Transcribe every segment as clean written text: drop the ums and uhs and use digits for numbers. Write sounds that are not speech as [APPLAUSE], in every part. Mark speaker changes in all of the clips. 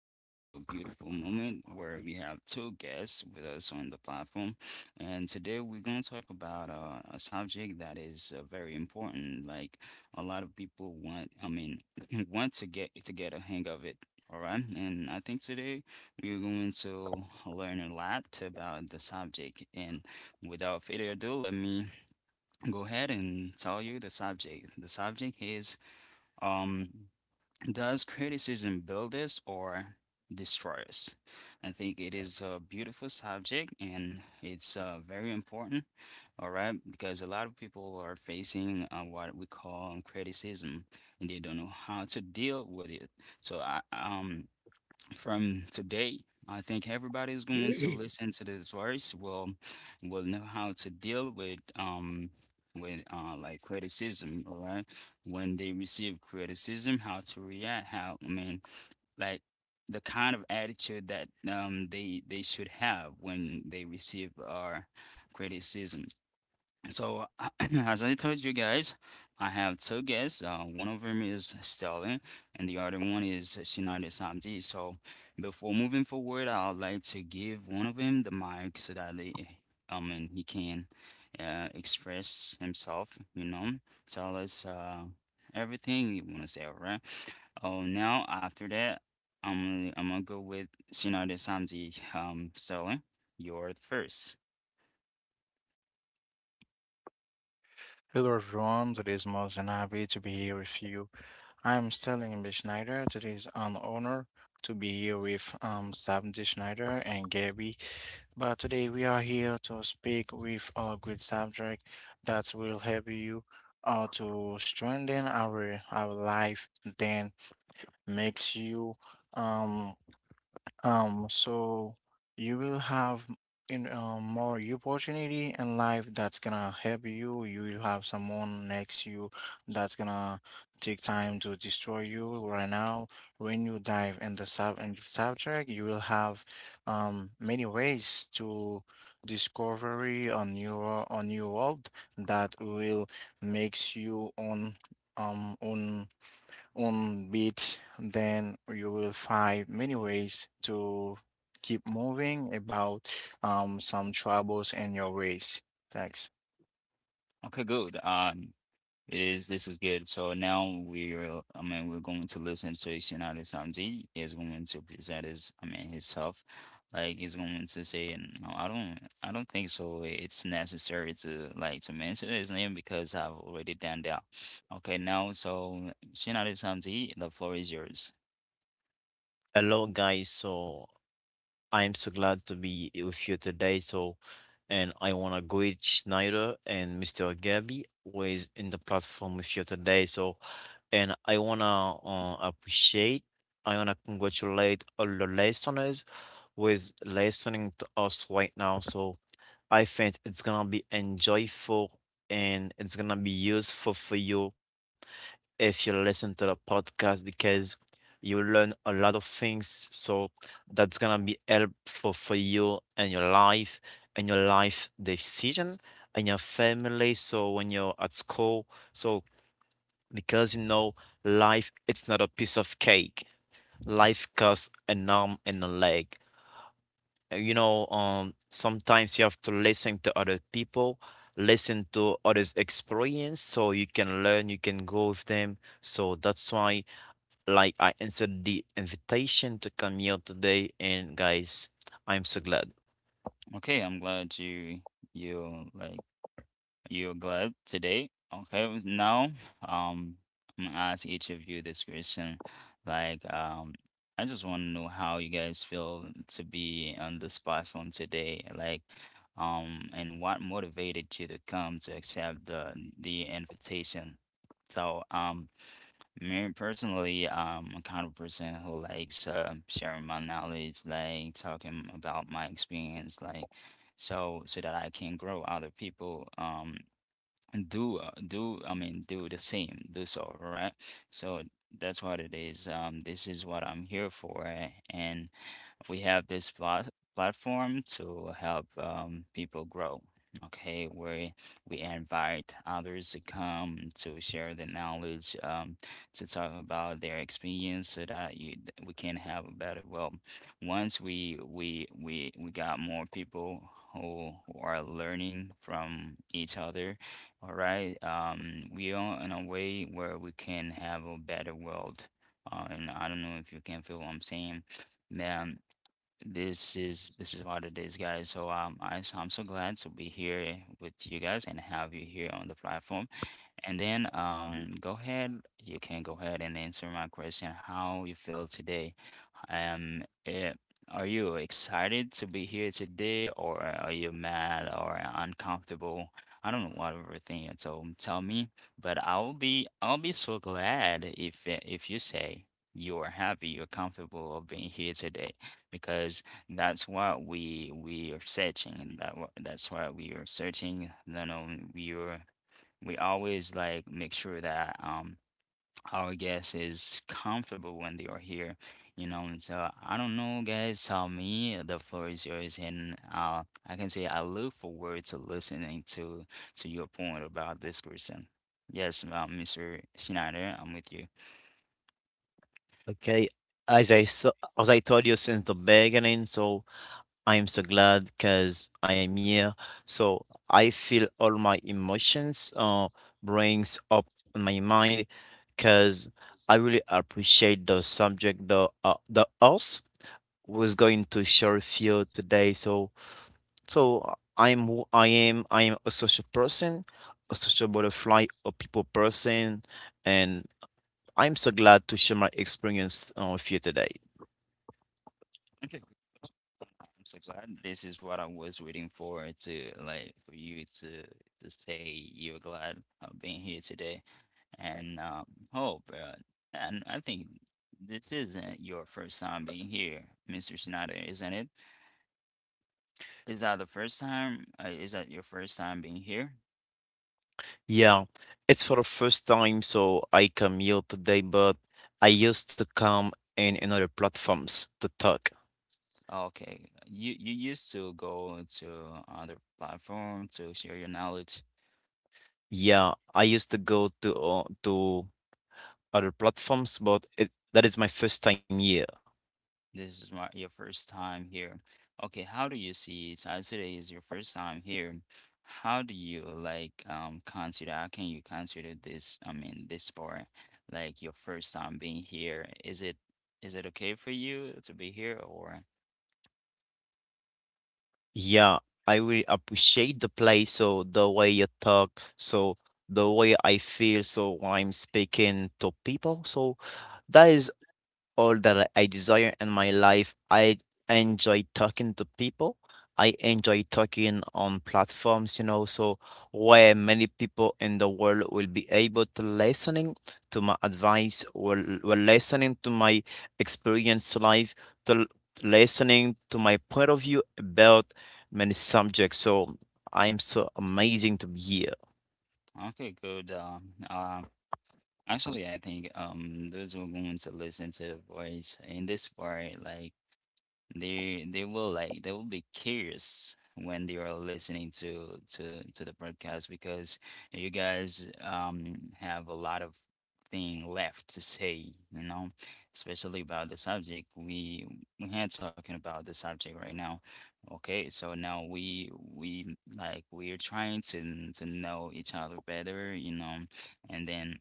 Speaker 1: to have a beautiful moment where we have two guests with us on the platform, and today we're going to talk about a subject that is very important. Like a lot of people want, [LAUGHS] want to get a hang of it. All right, and I think today you're going to learn a lot about the subject. And without further ado, let me go ahead and tell you the subject. The subject is um, does criticism build us or destroy us? I think it is a beautiful subject and it's very important, all right? Because a lot of people are facing what we call criticism and they don't know how to deal with it. So I, from today, I think everybody's going to
Speaker 2: [LAUGHS]
Speaker 1: listen to this verse will know how to deal with like criticism, all right? When they receive criticism, how to react, how like the kind of attitude that they should have when they receive our criticism. So, [CLEARS THROAT] as I told you guys, I have two guests. One of them is Sterling, and the other one is Shinada Samdi. So, before moving forward, I would like to give one of them the mic so that they, I mean, he can express himself, you know, tell us everything you want to say, all right? Oh, now after that, I'm gonna go with Shinada Samdi. Sterling, you're first.
Speaker 3: Hello everyone, today is more than happy to be here with you. I am Sterling B. Schneider. Today is an honor to be here with Sam D. Schneider and Gabby. But today we are here to speak with a great subject that will help you to strengthen our life, then makes you um so you will have m- in more opportunity in life that's gonna help you. You will have someone next you that's gonna take time to destroy you right now. When you dive in the subject, you will have many ways to discovery on your world that will makes you on um on on beat, then you will find many ways to keep moving about some troubles in your race. Thanks.
Speaker 1: Okay, good. It is. This is good. So now we're going to listen to Shinada Sanji. He's going to present his, I mean, himself. Like he's going to say, no, I don't think so. It's necessary to like to mention his name because I've already done that. Okay, now so Shinada Sanji, the floor is yours.
Speaker 2: Hello, guys. So I'm so glad to be with you today. So, and I want to greet Schneider and Mr. Gabby, who is in the platform with you today. So, and I want to appreciate, I want to congratulate all the listeners who is listening to us right now. So, I think it's going to be enjoyable and it's going to be useful for you if you listen to the podcast because you learn a lot of things. So that's gonna be helpful for you and your life decision and your family. So when you're at school, so because you know life, it's not a piece of cake. Life costs an arm and a leg. Sometimes you have to listen to other people, listen to others' experience, so you can learn, you can go with them. So that's why like I answered the invitation to come here today, and guys, I'm so glad.
Speaker 1: Okay, I'm glad you you're glad today? Okay, now um I'm gonna ask each of you this question. Like I just wanna know how you guys feel to be on this platform today. Like and what motivated you to come to accept the invitation. So me personally, I'm kind of person who likes sharing my knowledge, like talking about my experience, like so that I can grow other people. Do do I mean do the same, do so right, so that's what it is, this is what I'm here for, and we have this platform to help people grow, okay, where we invite others to come to share the knowledge, to talk about their experience so that we can have a better, well, once we got more people who are learning from each other, all right. We are in a way where we can have a better world. And I don't know if you can feel what I'm saying. Man, this is what it is, guys. So I'm so glad to be here with you guys and have you here on the platform. And then go ahead. You can go ahead and answer my question. How you feel today? Um, eh, are you excited to be here today, or are you mad or uncomfortable? I don't know whatever thing you told tell me, but I'll be so glad if, if you say you are happy, you're comfortable of being here today, because that's what we are searching. That's what we are searching. No, no, we are, we always like make sure that our guest is comfortable when they are here, you know. And so I don't know, guys. Tell me, the floor is yours, and I can say I look forward to listening to your point about this person. Yes, Mr. Schneider, I'm with
Speaker 2: Okay, as I so, as I told you since the beginning, so I am so glad because I'm here. So I feel all my emotions brings up in my mind because I really appreciate the subject, the us was going to share with you today. So I'm who I am. I am a social person, a social butterfly, a people person, and I'm so glad to share my experience with you today.
Speaker 1: you. I'm so glad this is what I was waiting for to like for you to say you're glad of being here today, and hope and I think this isn't your first time being here, Mr. Schneider, isn't it? Is that the first time? Is that your first time being here?
Speaker 2: Yeah, it's for the first time, so I come here today, but I used to come in another platforms to talk.
Speaker 1: Okay, you used to go to other platform to share your knowledge.
Speaker 2: Yeah, I used to go to other platforms, but it that is my first time here.
Speaker 1: This is my your first time here. Okay, how do you see it? So today is your first time here. How do you like consider? How can you consider this? I mean, this part, like your first time being here. Is it, is it okay for you to be here or?
Speaker 2: Yeah, I really appreciate the play. So the way you talk, so the way I feel, so when I'm speaking to people, so that is all that I desire in my life. I enjoy talking to people. I enjoy talking on platforms, so where many people in the world will be able to listening to my advice, will listening to my experience life, to listening to my point of view about many subjects. So I'm so amazing to be here.
Speaker 1: Okay, good. Actually, I think those who are going to listen to the voice in this part, like, they will like they will be curious when they are listening to the podcast because you guys have a lot of thing left to say, you know, especially about the subject we had talking about the subject right now. Okay, so now we like we are trying to know each other better, you know, and then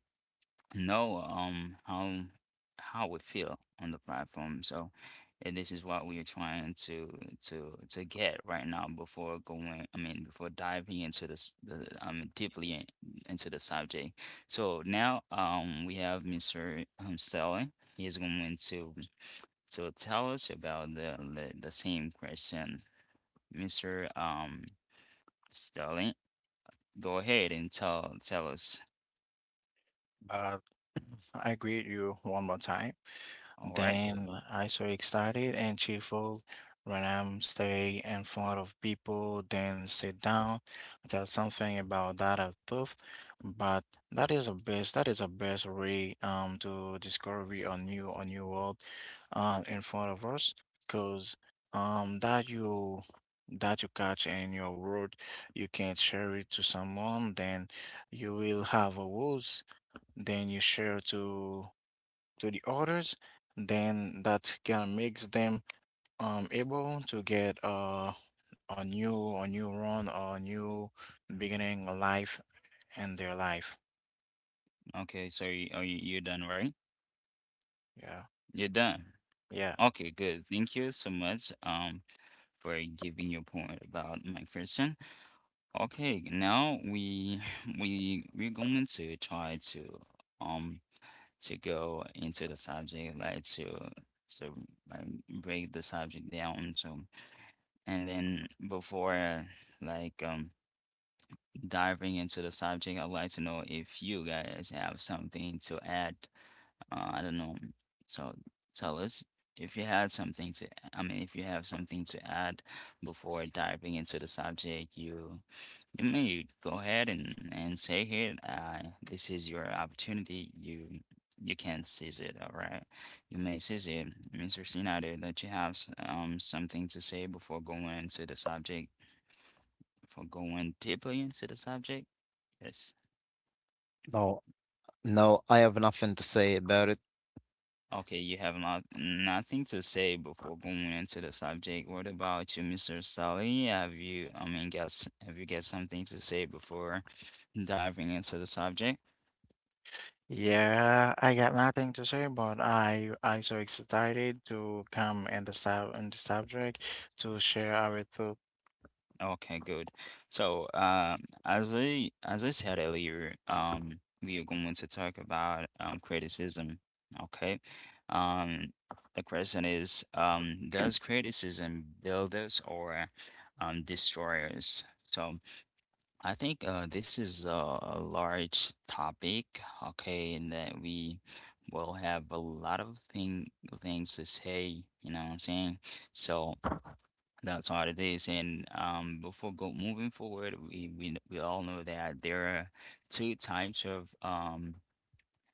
Speaker 1: know how we feel on the platform. So and this is what we are trying to get right now before going, I mean, before diving into deeply into the subject. So now we have Mr. Stelly. He is going to tell us about the same question. Mr. Stelly, go ahead and tell us.
Speaker 3: But [CLEARS THROAT] I greet you one more time.
Speaker 1: All right.
Speaker 3: Then I so excited and cheerful when I'm stay in front of people, then sit down. There's something about that I thought, but That is a best way to discovery a new world, in front of us, cause um, that you catch in your world, you can share it to someone. Then you will have a words. Then you share to the others, then that can makes them able to get a new run or a new beginning a life in their life.
Speaker 1: Okay, so you, are you you're done, right?
Speaker 3: Yeah.
Speaker 1: You're done.
Speaker 3: Yeah.
Speaker 1: Okay, good. Thank you so much for giving your point about McPherson. Okay, now we [LAUGHS] we're going to try um to go into the subject like to like break the subject down so, and then before like um diving into the subject I'd like to know if you guys have something to add, I don't know. So tell us if you had something to, I mean, if you have something to add before diving into the subject, you may go ahead and say it. This is your opportunity. You can seize it. All right, you may seize it, Mr. Snyder, that you have something to say before going into the subject, before going deeply into the subject. Yes.
Speaker 2: No, no, I have nothing to say about it.
Speaker 1: Okay, you have nothing to say before going into the subject. What about you, Mr. Sally? Have you, I mean, guess, have you got something to say before diving into the subject?
Speaker 3: Yeah, I got nothing to say, but I so excited to come in the subject to share our thought.
Speaker 1: Okay, good. So, as I said earlier, we are going to talk about criticism. Okay, um, the question is, does criticism build us or destroy us? So, I think this is a large topic, okay, and that we will have a lot of things to say, you know what I'm saying? So that's what it is. And before go moving forward, we all know that there are two types of,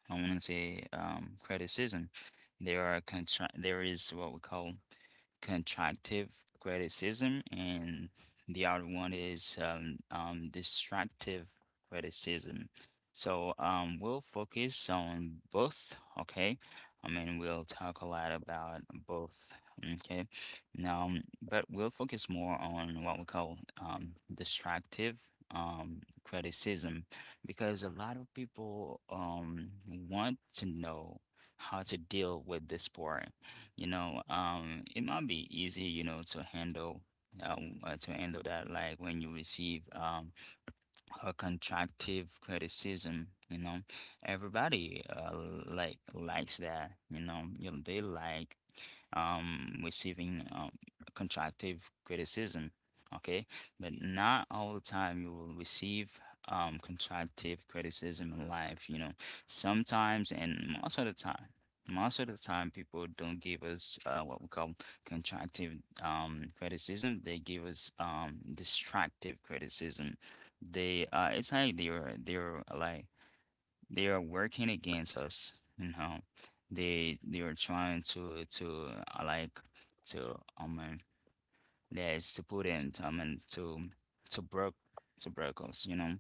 Speaker 1: I want to say criticism. There are contra there is what we call constructive criticism, and the other one is destructive criticism. So we'll focus on both, okay? I mean, we'll talk a lot about both, okay? Now, but we'll focus more on what we call destructive criticism because a lot of people want to know how to deal with this part, you know, it might be easy, you know, uh, to handle that like when you receive or constructive criticism, you know. Everybody like likes that, you know. You know, they like receiving constructive criticism, okay? But not all the time you will receive constructive criticism in life, you know. Sometimes and most of the time. Most of the time, people don't give us what we call constructive criticism. They give us destructive criticism, they it's like they're like they are working against us. You know, they are trying to like to yes to put in I mean to broke to broke us. You know,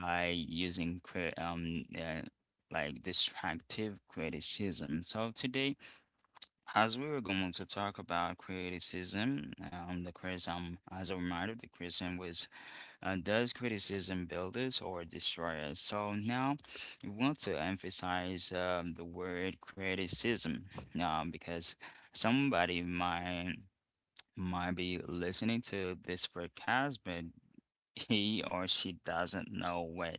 Speaker 1: by using destructive criticism. So today, as we were going to talk about criticism, as a reminder, the criticism was, does criticism build us or destroy us? So now we want to emphasize the word criticism because somebody might be listening to this podcast, but he or she doesn't know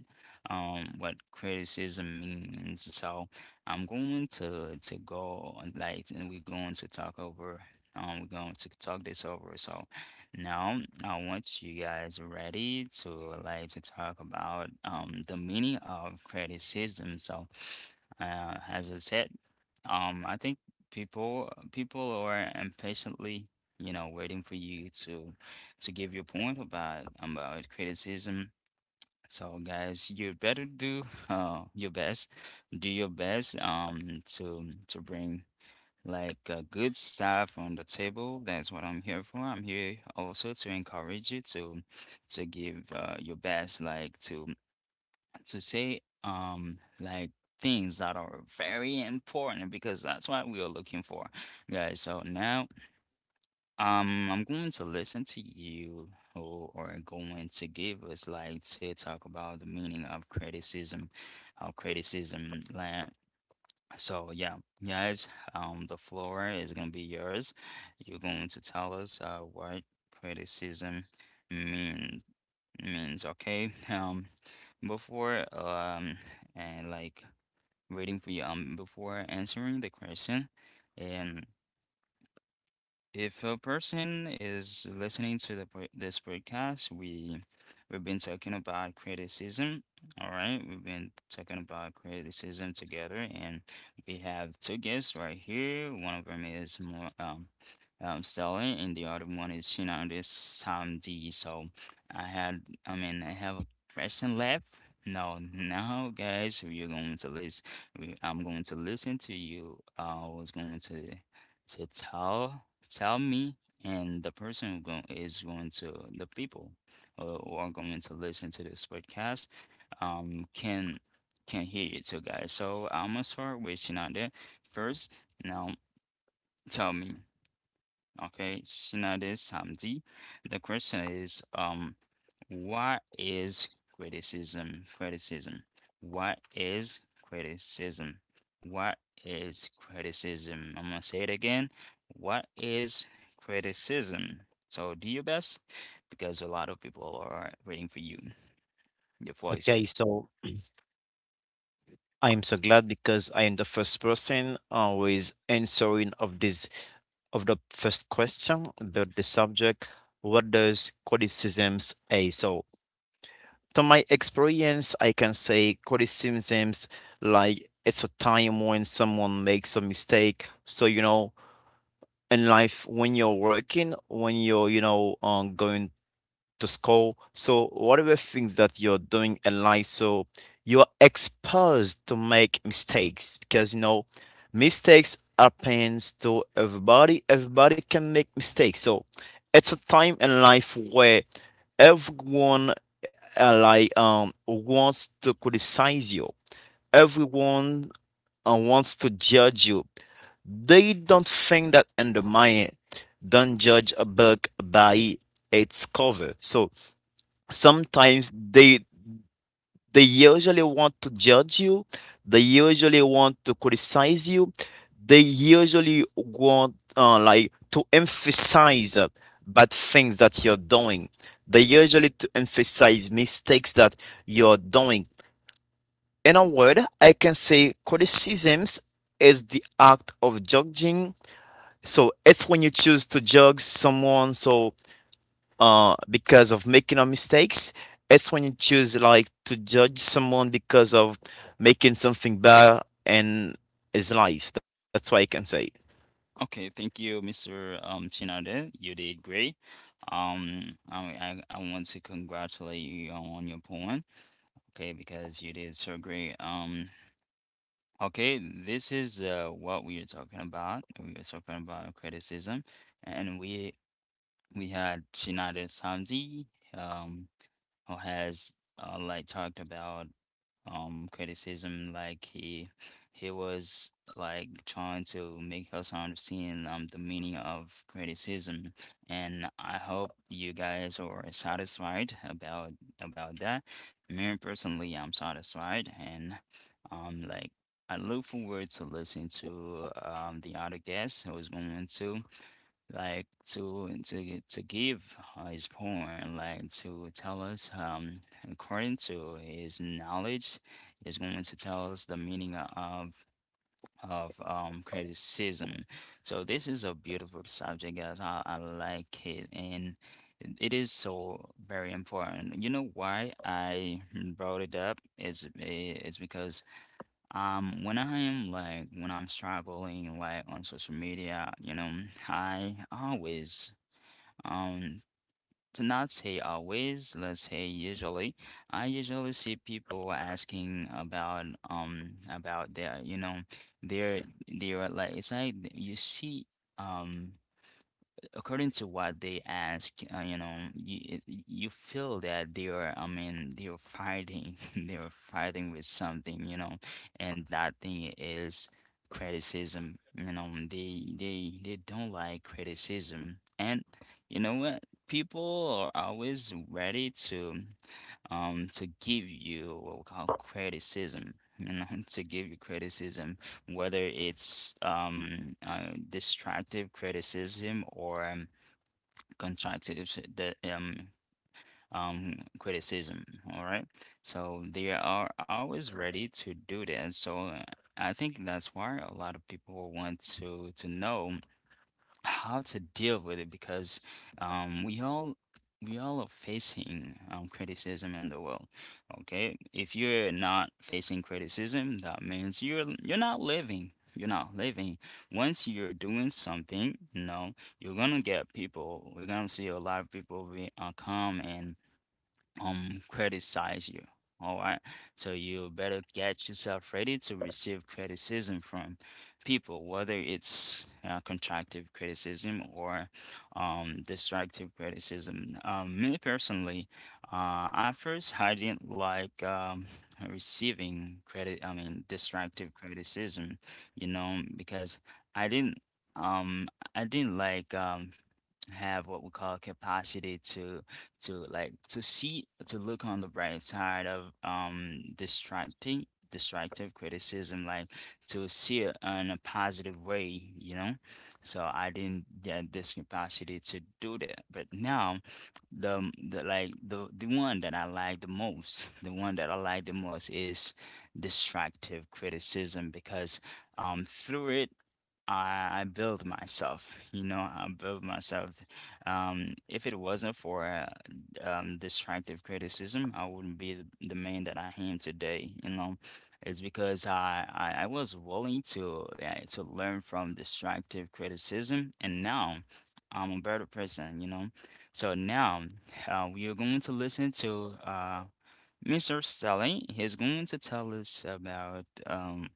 Speaker 1: what criticism means. So I'm going to go on like and we're going to talk over we're going to talk this over. So now I want you guys ready to like to talk about the meaning of criticism. So as I said, I think people are impatiently, you know, waiting for you to give your point about criticism. So guys, you better do [LAUGHS] your best. Do your best to bring like good stuff on the table. That's what I'm here for. I'm here also to encourage you to give your best, like to say like things that are very important because that's what we are looking for guys so now I'm going to listen to you who are going to give us like to talk about the meaning of criticism of criticism, so yeah guys, the floor is gonna be yours. You're going to tell us what criticism means. Mm, it's okay. [LAUGHS] Before and like waiting for you. Before answering the question, and if a person is listening to this podcast, we've been talking about criticism. All right, we've been talking about criticism together, and we have two guests right here. One of them is more Stella, and the other one is you know this Tom D. So I had, I mean, I have a question left. No, now guys, we're going to listen. I'm going to listen to you. I was going to tell Tell me, and the person who going to the people who are going to listen to this podcast um can can hear you too, guys. So I'm gonna start with you there first. Now tell me. Okay, Shinade Samdi. The question is, what is criticism? Criticism. What is criticism? What is criticism? I'm gonna say it again. What is criticism? So do your best because a lot of people are waiting for you. Your floor is
Speaker 2: Okay,
Speaker 1: yours.
Speaker 2: so I'm so glad because I am the first person always answering of this of the first question about the subject. What does criticisms a so to my experience, I can say criticisms, like, it's a time when someone makes a mistake. So you know in life when you're working, when you're, going to school. So whatever things that you're doing in life, so you're exposed to make mistakes because mistakes happens to everybody. Everybody can make mistakes. So it's a time in life where everyone like wants to criticize you. Everyone wants to judge you. They don't think that undermine it. Don't judge a book by its cover. So sometimes they usually want to judge you, they usually want to criticize you, they usually want like to emphasize bad things that you're doing. They usually to emphasize mistakes that you're doing. In a word, I can say criticisms is the act of judging. So it's when you choose to judge someone, so because of making a mistakes. It's when you choose, like, to judge someone because of making something bad in his life. That's why I can say.
Speaker 1: Okay, thank you, Mr. Chinade. You did great. I want to congratulate you on your poem. Okay, because you did so great. Okay, this is what we are talking about. We are talking about criticism, and we had Shinada Samji, um, who has like talked about criticism like he was like trying to make us understand the meaning of criticism, and I hope you guys are satisfied about that. Me personally, I'm satisfied and like I look forward to listen to the other guests who is going to like to give his point, like to tell us, according to his knowledge, is going to tell us the meaning of criticism. So this is a beautiful subject, guys. I like it, and it is so very important. You know why I brought it up? It's because when I am like when I'm struggling like on social media, you know, I always um, to not say always, let's say usually, I usually see people asking about their, you know, their like it's like you see um according to what they ask, you know, you feel that they are, I mean, they are fighting, [LAUGHS] they are fighting with something, you know, and that thing is criticism. You know, they don't like criticism, and you know what? People are always ready to give you what we call criticism. You know, [LAUGHS] to give you criticism whether it's destructive criticism or constructive criticism. All right. So they are always ready to do that. So I think that's why a lot of people want to know how to deal with it because um, we all we all are facing criticism in the world. Okay, if you're not facing criticism, that means you're not living. You're not living. Once you're doing something, you know, you're gonna get people. You're gonna see a lot of people be come and criticize you. All right. So you better get yourself ready to receive criticism from people, whether it's constructive criticism or destructive criticism. Me personally, at first I didn't like receiving credit, I mean, destructive criticism, you know, because I didn't. Um, I didn't like have what we call capacity to like to see to look on the bright side of distracting destructive criticism, like to see it in a positive way, you know. So I didn't get this capacity to do that, but now the one that I like the most, [LAUGHS] the one that I like the most is destructive criticism because through it, I build myself, you know, I build myself. If it wasn't for destructive criticism, I wouldn't be the man that I am today, you know. It's because I was willing to learn from destructive criticism, and now I'm a better person, you know. So now we are going to listen to Mr. Sully. He's going to tell us about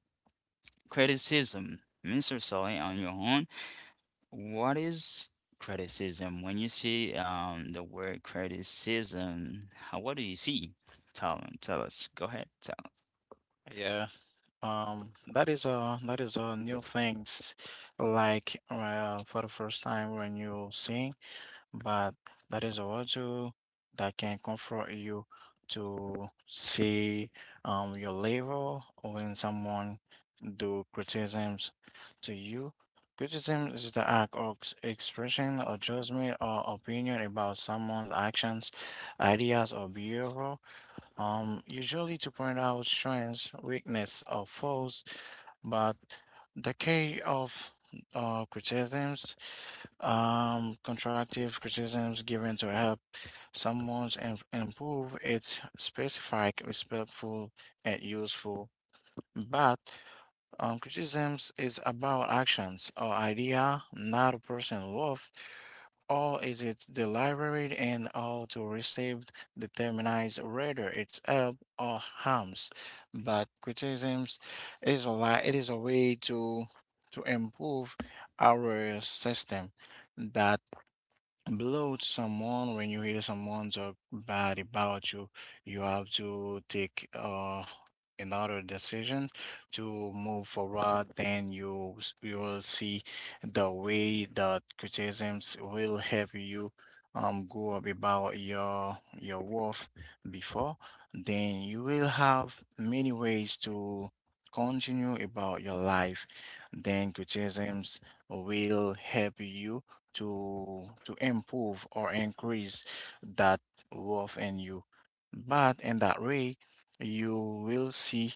Speaker 1: criticism. Mr. Sully, on your own, what is criticism? When you see the word criticism, what do you see? Tell us. Go ahead. Tell.
Speaker 3: Yeah, that is a new things like for the first time when you sing, but that is also that can comfort you to see your level when someone do criticisms to you. Criticism is the act of expression or judgment or opinion about someone's actions, ideas, or behavior, usually to point out strengths, weakness, or faults. But the key of criticisms, constructive criticisms given to help someone improve, it's specific, respectful, and useful. But criticisms is about actions or idea, not a person worth, or is it deliberate and all to receive determines whether it's help or harms. But criticisms is it is a way to improve our system that blow to someone. When you hear someone talk bad about you, you have to take another decision to move forward, then you will see the way that criticisms will help you go up about your worth before. Then you will have many ways to continue about your life, then criticisms will help you to improve or increase that worth in you. But in that way, you will see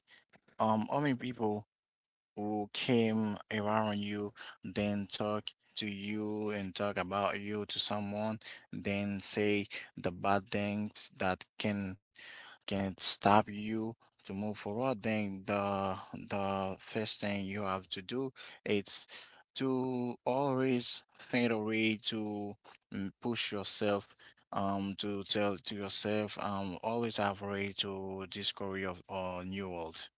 Speaker 3: how many people who came around you, then talk to you and talk about you to someone, then say the bad things that can stop you to move forward. Then the first thing you have to do is to always find a way to push yourself, to tell to yourself, always have a way to discover of a new world.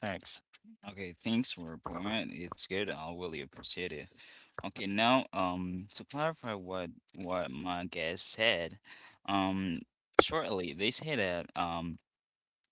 Speaker 3: Thanks.
Speaker 1: Okay, thanks for your point. It's good. I really appreciate it. Okay, now, to clarify what my guest said, um, shortly, they say that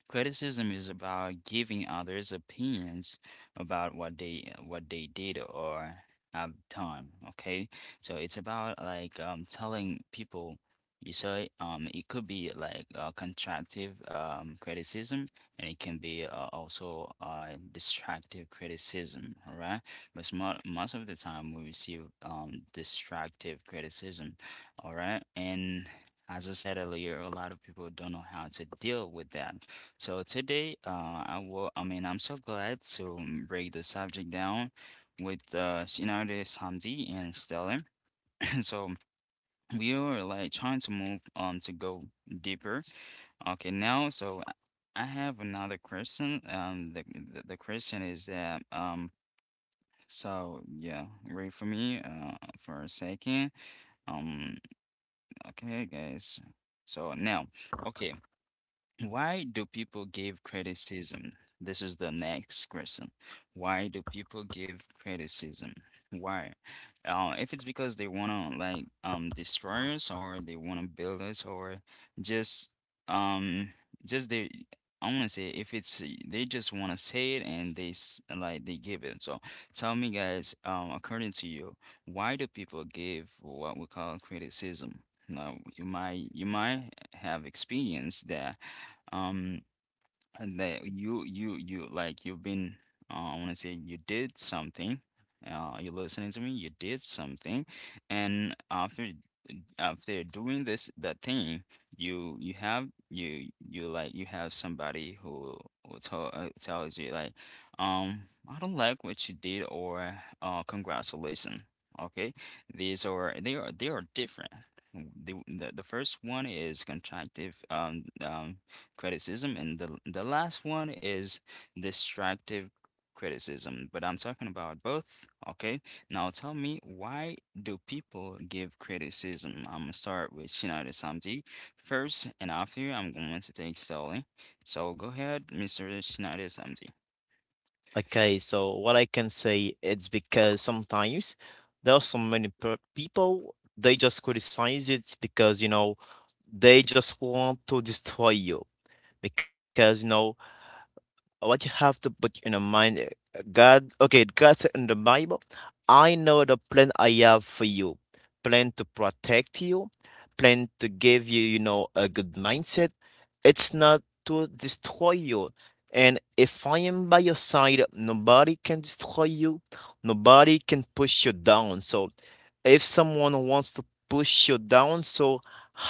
Speaker 1: criticism is about giving others opinions about what they did or have done. Okay, so it's about like telling people. You say it could be like constructive criticism, and it can be also destructive criticism. All right, but mo most of the time we receive destructive criticism. All right, and as I said earlier, a lot of people don't know how to deal with that. So today, I will, I mean, I'm so glad to break the subject down with Shinade Samdi and Stellar. [LAUGHS] [CLEARS THROAT] So we are like trying to move to go deeper. Okay, now, so I have another question. The question is that so yeah, wait for me for a second. Um, okay, guys. So now, okay. Why do people give criticism? This is the next question. Why do people give criticism? Why? If it's because they wanna like destroy us, or they wanna build us, or just um just they I wanna say if it's they just wanna say it and they s- like they give it. So tell me, guys, according to you, why do people give what we call criticism? Now you might have experienced that um and that you've been I want to say you did something, you're listening to me, you did something, and after doing this that thing, you have you you like you have somebody who will tells you like um I don't like what you did, or congratulations. Okay, these are, they are different. The first one is contractive criticism, and the last one is destructive criticism. But I'm talking about both, okay? Now tell me, why do people give criticism? I'm gonna start with Shinada Samti first, and after you, I'm going to take Stanley. So go ahead, Mr. Shinada Samti.
Speaker 2: Okay, so what I can say, it's because sometimes there are so many people, they just criticize it because you know they just want to destroy you because you know what you have to put in your mind. God. Okay, God said in the Bible, I know the plan I have for you, plan to protect you, plan to give you you know a good mindset. It's not to destroy you. And if I am by your side, nobody can destroy you, nobody can push you down. So if someone wants to push you down, so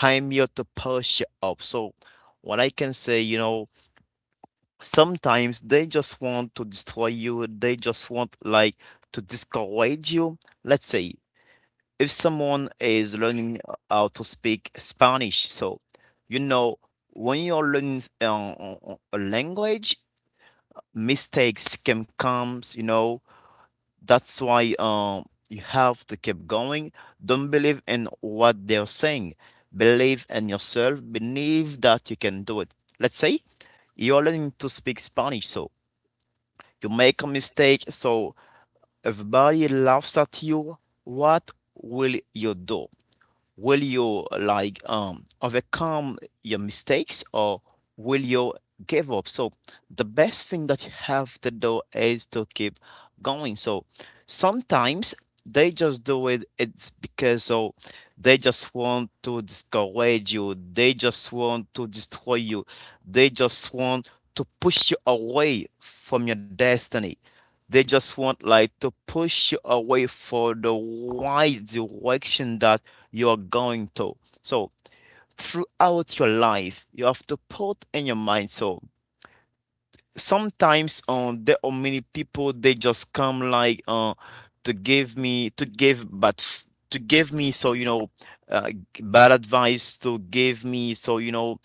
Speaker 2: I'm here to push you up. So what I can say, sometimes they just want to destroy you, they just want, like, to discourage you. Let's say if someone is learning how to speak Spanish, so you know when you're learning a language, mistakes can come. That's why you have to keep going. Don't believe in what they're saying. Believe in yourself. Believe that you can do it. Let's say you're learning to speak Spanish, so you make a mistake, so everybody laughs at you. What will you do? Will you, like, overcome your mistakes, or will you give up? So the best thing that you have to do is to keep going. So sometimes they just do it. It's because so they just want to discourage you, they just want to destroy you, they just want to push you away from your destiny. They just want, like, to push you away for the right direction that you're going to. So throughout your life, you have to put in your mind. So sometimes there are many people, they just come, like, to give me to give but f- to give me, so bad advice to give me, so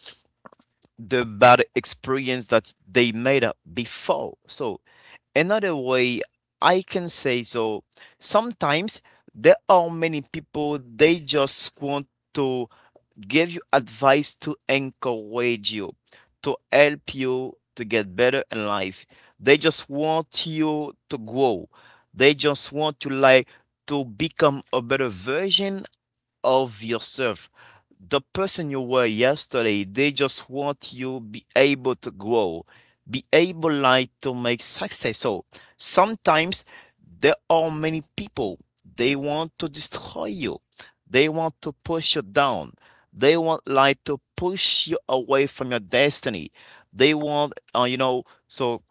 Speaker 2: the bad experience that they made up before. So another way I can say, so sometimes there are many people, they just want to give you advice to encourage you, to help you to get better in life. They just want you to grow. They just want you, like, to become a better version of yourself, the person you were yesterday. They just want you be able to grow, be able, like, to make success. So sometimes there are many people, they want to destroy you, they want to push you down, they want, like, to push you away from your destiny. They want so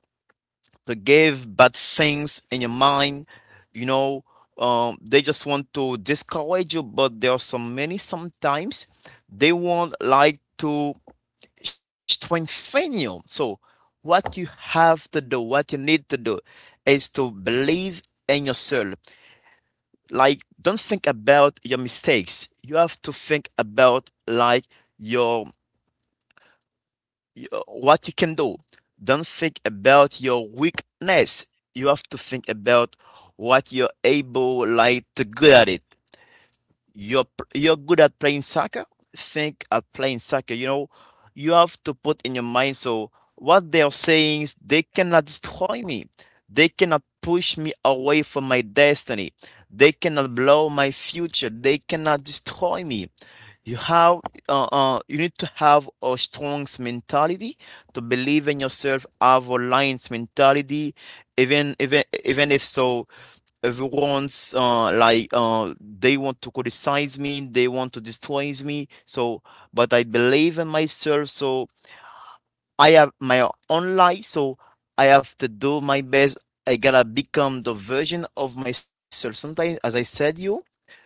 Speaker 2: to give bad things in your mind. you know they just want to discourage you. But there are so many, sometimes they want, like, to strengthen you. So what you have to do, what you need to do is to believe in yourself. Like, don't think about your mistakes. You have to think about, like, your what you can do. Don't think about your weakness. You have to think about what you're able, like, to good at it. You're you're good at playing soccer. Think at playing soccer. You know, you have to put in your mind. So what they are saying is they cannot destroy me. They cannot push me away from my destiny. They cannot blow my future. They cannot destroy me. You have you need to have a strong mentality to believe in yourself, have a lion's mentality, even if so everyone's like they want to criticize me, they want to destroy me. So but I believe in myself, so I have my own life, so I have to do my best. I gotta become the version of myself. Sometimes, as I said, you,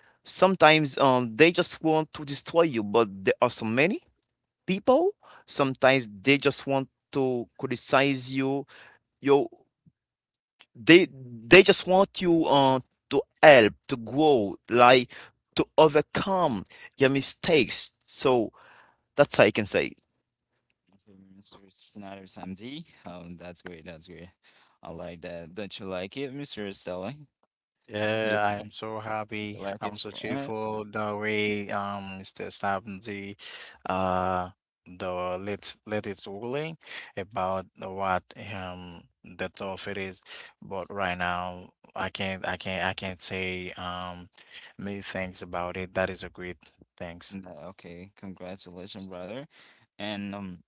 Speaker 2: sometimes they just want to destroy you. But there are so many people, sometimes they just want to criticize you. Yo, they they just want you, to help to grow, like, to overcome your mistakes. So that's how I can say.
Speaker 1: Okay, Mr. Schneider Samdi. Oh, that's great. That's great. I like that. Don't you like it, Mr. Stella? You
Speaker 3: Yeah, I'm so happy.
Speaker 1: like it?
Speaker 3: I'm so cheerful the way Mr. Sabanzi uh the let it ruling about the what the tough it is. But right now I can't say many things about it. That is a great thanks.
Speaker 1: No, okay. Congratulations, brother. And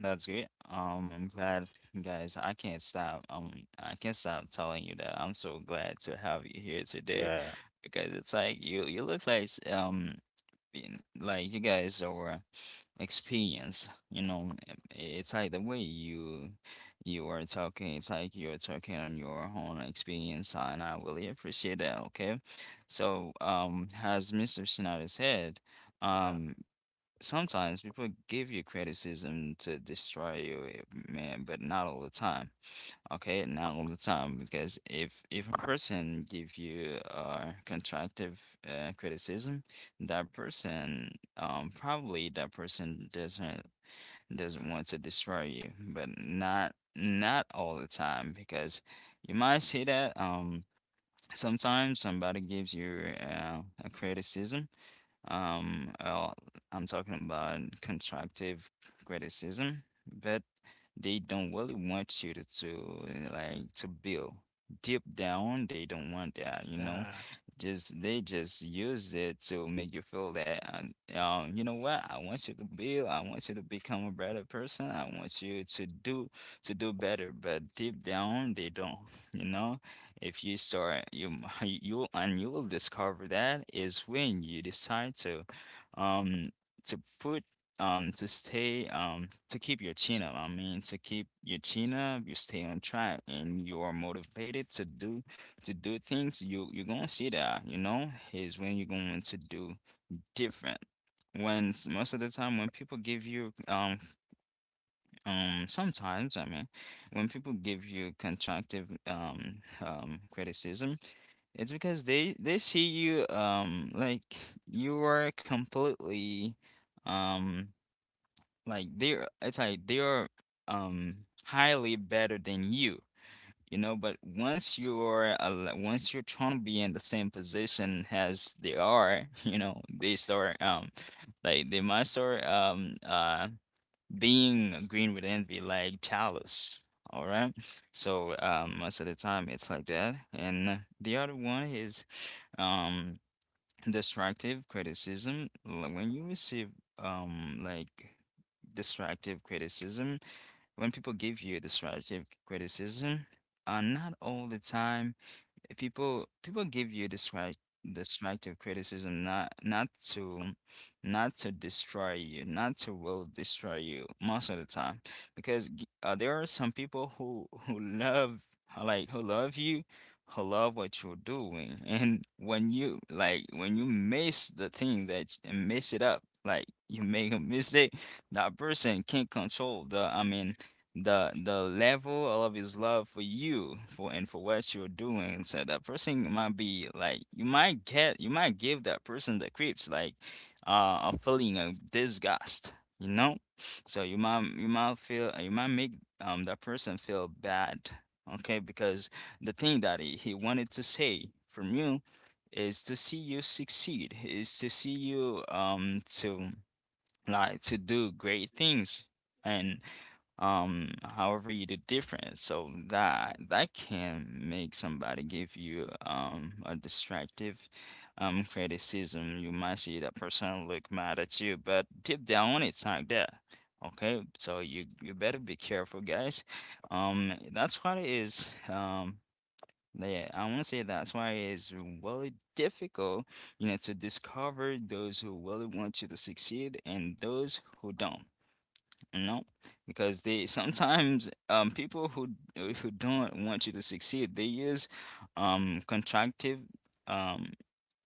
Speaker 1: That's great. I'm glad, guys. I can't stop. I can't stop telling you that I'm so glad to have you here today
Speaker 3: Yeah.
Speaker 1: because it's like you look like like you guys are experienced, you know. It's like the way you are talking, it's like you're talking on your own experience, and I really appreciate that, okay? So, as Mr. Shinoda said,
Speaker 3: Yeah.
Speaker 1: um, sometimes people give you criticism to destroy you, eh, man, but not all the time. Okay, not all the time because if a person give you constructive criticism, that person probably that person doesn't want to destroy you, but not not all the time because you might see that sometimes somebody gives you a criticism, well, I'm talking about constructive criticism, but they don't really want you to like to build. Deep down, they don't want that, you know.
Speaker 3: Yeah.
Speaker 1: Just They just use it to make you feel that you know what? I want you to build. I want you to become a better person. I want you to do better. But deep down, they don't, you know. If you start, you [LAUGHS] you and you will discover that is when you decide um, to put to stay to keep your chin up, to keep your chin up, you stay on track and you are motivated to do things, you're gonna see that is when you're going to do different. When most of the time when people give you sometimes I mean when people give you constructive criticism, it's because they see you like you are completely um like they're it's like they're um highly better than you, you know. But once you're once you're trying to be in the same position as they are [LAUGHS] you know, they start like they must start being green with envy, like jealous. All right, so most of the time it's like that, and the other one is um destructive criticism, when you receive like destructive criticism, when people give you destructive criticism, not all the time, people give you destructive criticism not to not to destroy you, not to will destroy you most of the time, because there are some people who love, like who love you, who love what you're doing, and when you, like when you miss the thing that and mess it up, like you make a mistake, that person can't control, the level of his love for you for and for what you're doing. So that person might be like you might get you might give that person the creeps, like a feeling of disgust, you know? So you might feel you might make that person feel bad, okay? Because the thing that he wanted to say from you is to see you succeed, is to see you to like to do great things, and however you do different, so that that can make somebody give you a destructive criticism. You might see that person look mad at you, but deep down it's not there. Okay, so you better be careful, guys. That's what it is. Yeah, I want to say that's why it's really difficult, you know, to discover those who really want you to succeed and those who don't, you know, because they [LAUGHS] sometimes people who who don't want you to succeed, they use constructive um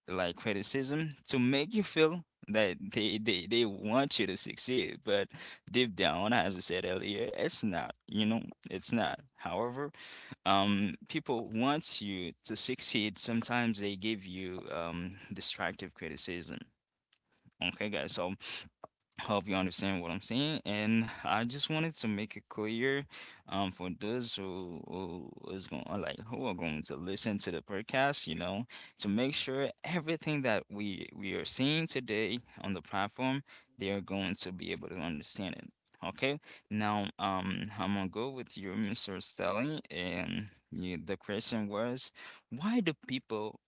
Speaker 1: like criticism to make you feel that they want you to succeed, but deep down, as I said earlier, it's not, you know, it's not. However, people want you to succeed, sometimes they give you destructive criticism. Okay, guys, so hope you understand what I'm saying. And I just wanted to make it clear, for those who is going, like who are going to listen to the podcast, you know, to make sure everything that we are seeing today on the platform, they are going to be able to understand it. Okay, now I'm gonna go with you, Mr. Stelly, and you, the question was, why do people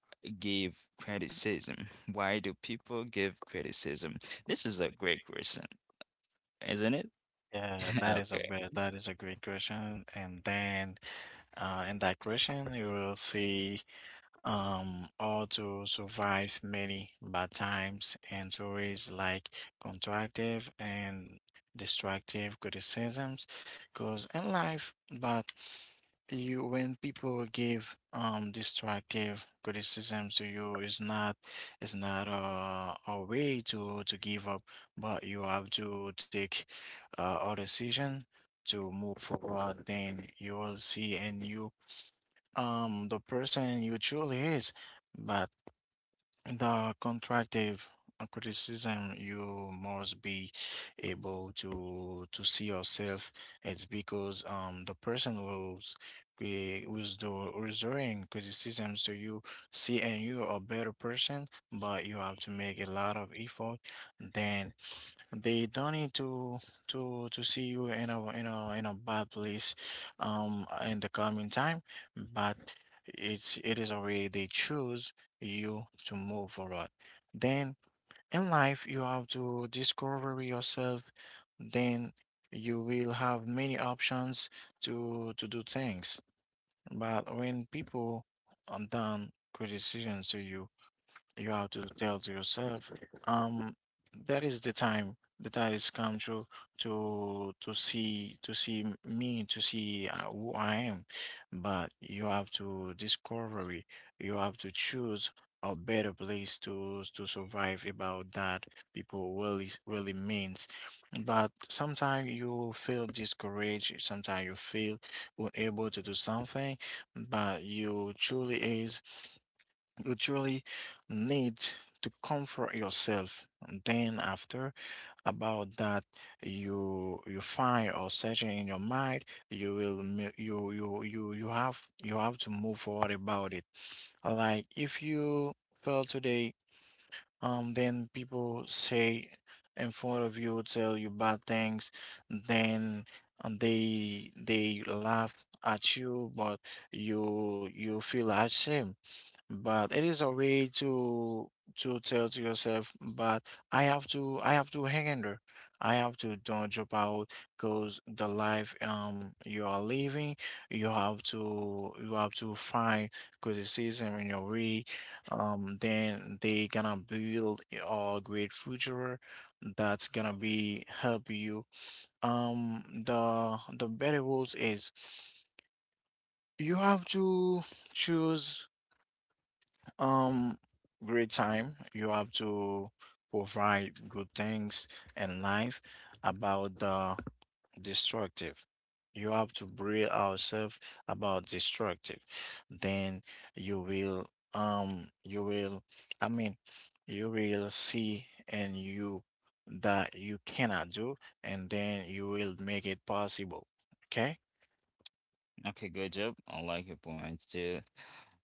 Speaker 1: give criticism? Why do people give criticism? This is a great question, isn't it?
Speaker 3: Yeah,
Speaker 1: [LAUGHS] Okay.
Speaker 3: that is a great question. And then in that question you will see or to survive many bad times and stories like constructive and destructive criticisms because in life, but you, when people give destructive criticisms to you, it's not a way to give up. But you have to take a decision to move forward, then you will see and you the person you truly is. But the constructive criticism, you must be able to see yourself. It's because the person who's who's the reserving criticisms to you see and you a better person, but you have to make a lot of effort. Then they don't need to to see you in a bad place, in the coming time. But it's it is already they choose you to move forward. Then in life you have to discover yourself. Then you will have many options to do things. But when people are done criticisms to you, you have to tell to yourself, um, that is the time that I has come to see me, to see who I am. But you have to discover it. You have to choose a better place to survive. About that, people really really means. But sometimes you feel discouraged. Sometimes you feel unable to do something. But you truly is. You truly need to comfort yourself. And then after about that, you find or searching in your mind, you will you have to move forward about it. Like if you fail today, then people say in front of you, tell you bad things, then and they laugh at you, but you feel ashamed. But it is a way to tell to yourself, but I have to hang in there, I have to don't drop out, because the life you are living, you have to find criticism in your way. Then they gonna build a great future that's gonna be help you. The better rules is you have to choose um, great time. You have to provide good things in life about the destructive. You have to break ourselves about destructive. Then you will, you will, I mean, you will see and you that you cannot do, and then you will make it possible. Okay?
Speaker 1: Okay, good job. I like your points too.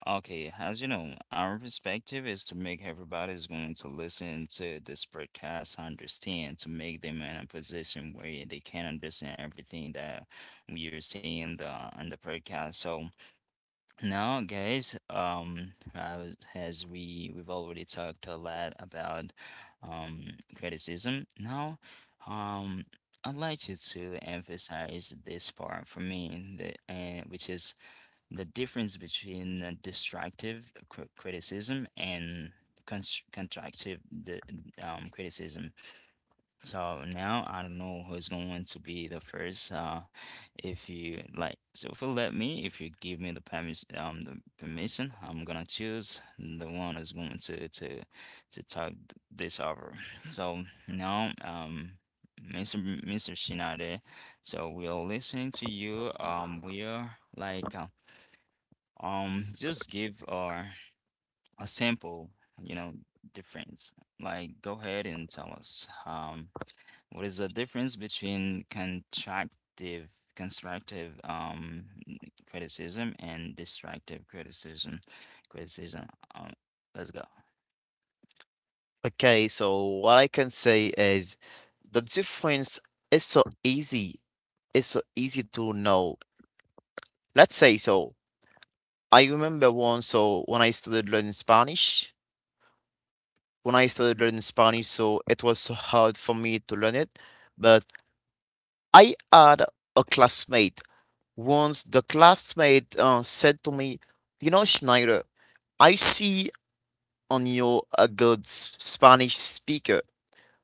Speaker 1: Okay, as you know, our perspective is to make everybody's going to listen to this podcast understand, to make them in a position where they can understand everything that we are seeing in the podcast. So now, guys, as we we've already talked a lot about criticism. Now, um, I'd like you to emphasize this part for me, the which is the difference between destructive criticism and constructive the criticism. So now I don't know who's going to be the first. If you like, so if you let me, if you give me the permission, I'm gonna choose the one who's going to talk this over. So now, Mr. Mr. Shinade, so we are listening to you. We are like, just give our a sample, you know, difference. Like, go ahead and tell us. What is the difference between constructive criticism and destructive criticism? Criticism. Um, let's go.
Speaker 2: Okay, so what I can say is the difference is so easy, it's so easy to know. Let's say, so I remember once. So when I started learning Spanish, when I started learning Spanish, so it was so hard for me to learn it. But I had a classmate. Once the classmate said to me, you know, Schneider, I see on you a good Spanish speaker.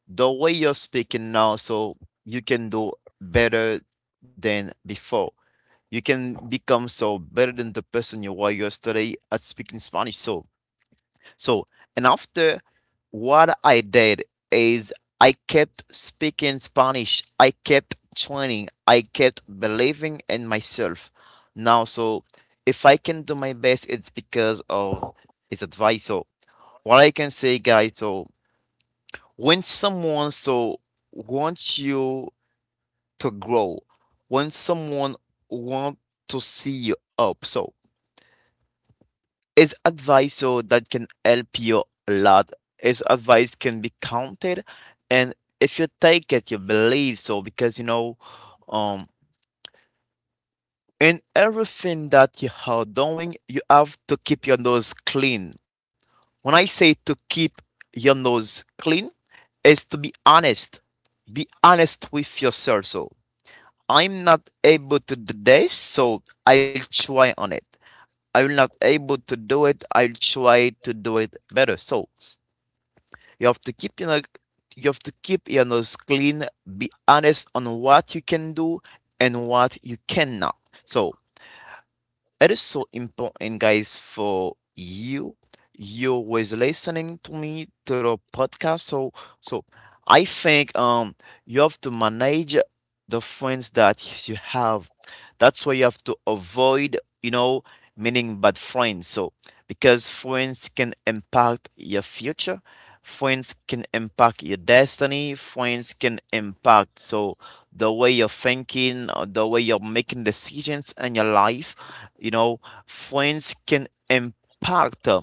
Speaker 2: The way you're speaking now, so you can do better than before. You can become so better than the person you were yesterday at speaking Spanish. So, and after, what I did is I kept speaking Spanish. I kept training. I kept believing in myself. Now, so if I can do my best, it's because of his advice. So, what I can say, guys, so when someone so wants you to grow, when someone want to see you up, so is advice, so that can help you a lot. Is advice can be counted? And if you take it, you believe so, because um in everything that you are doing, you have to keep your nose clean. When I say to keep your nose clean is to be honest, be honest with yourself. So I'm not able to do this, so I'll try on it. I'm not able to do it, I'll try to do it better. So you have to keep, you have to keep your nose clean, be honest on what you can do and what you cannot. So it is so important, guys, for you. You was listening to me to the podcast. So I think you have to manage the friends that you have. That's why you have to avoid, meaning bad friends. So because friends can impact your future. Friends can impact your destiny. Friends can impact so the way you're thinking, the way you're making decisions in your life. You know, friends can impact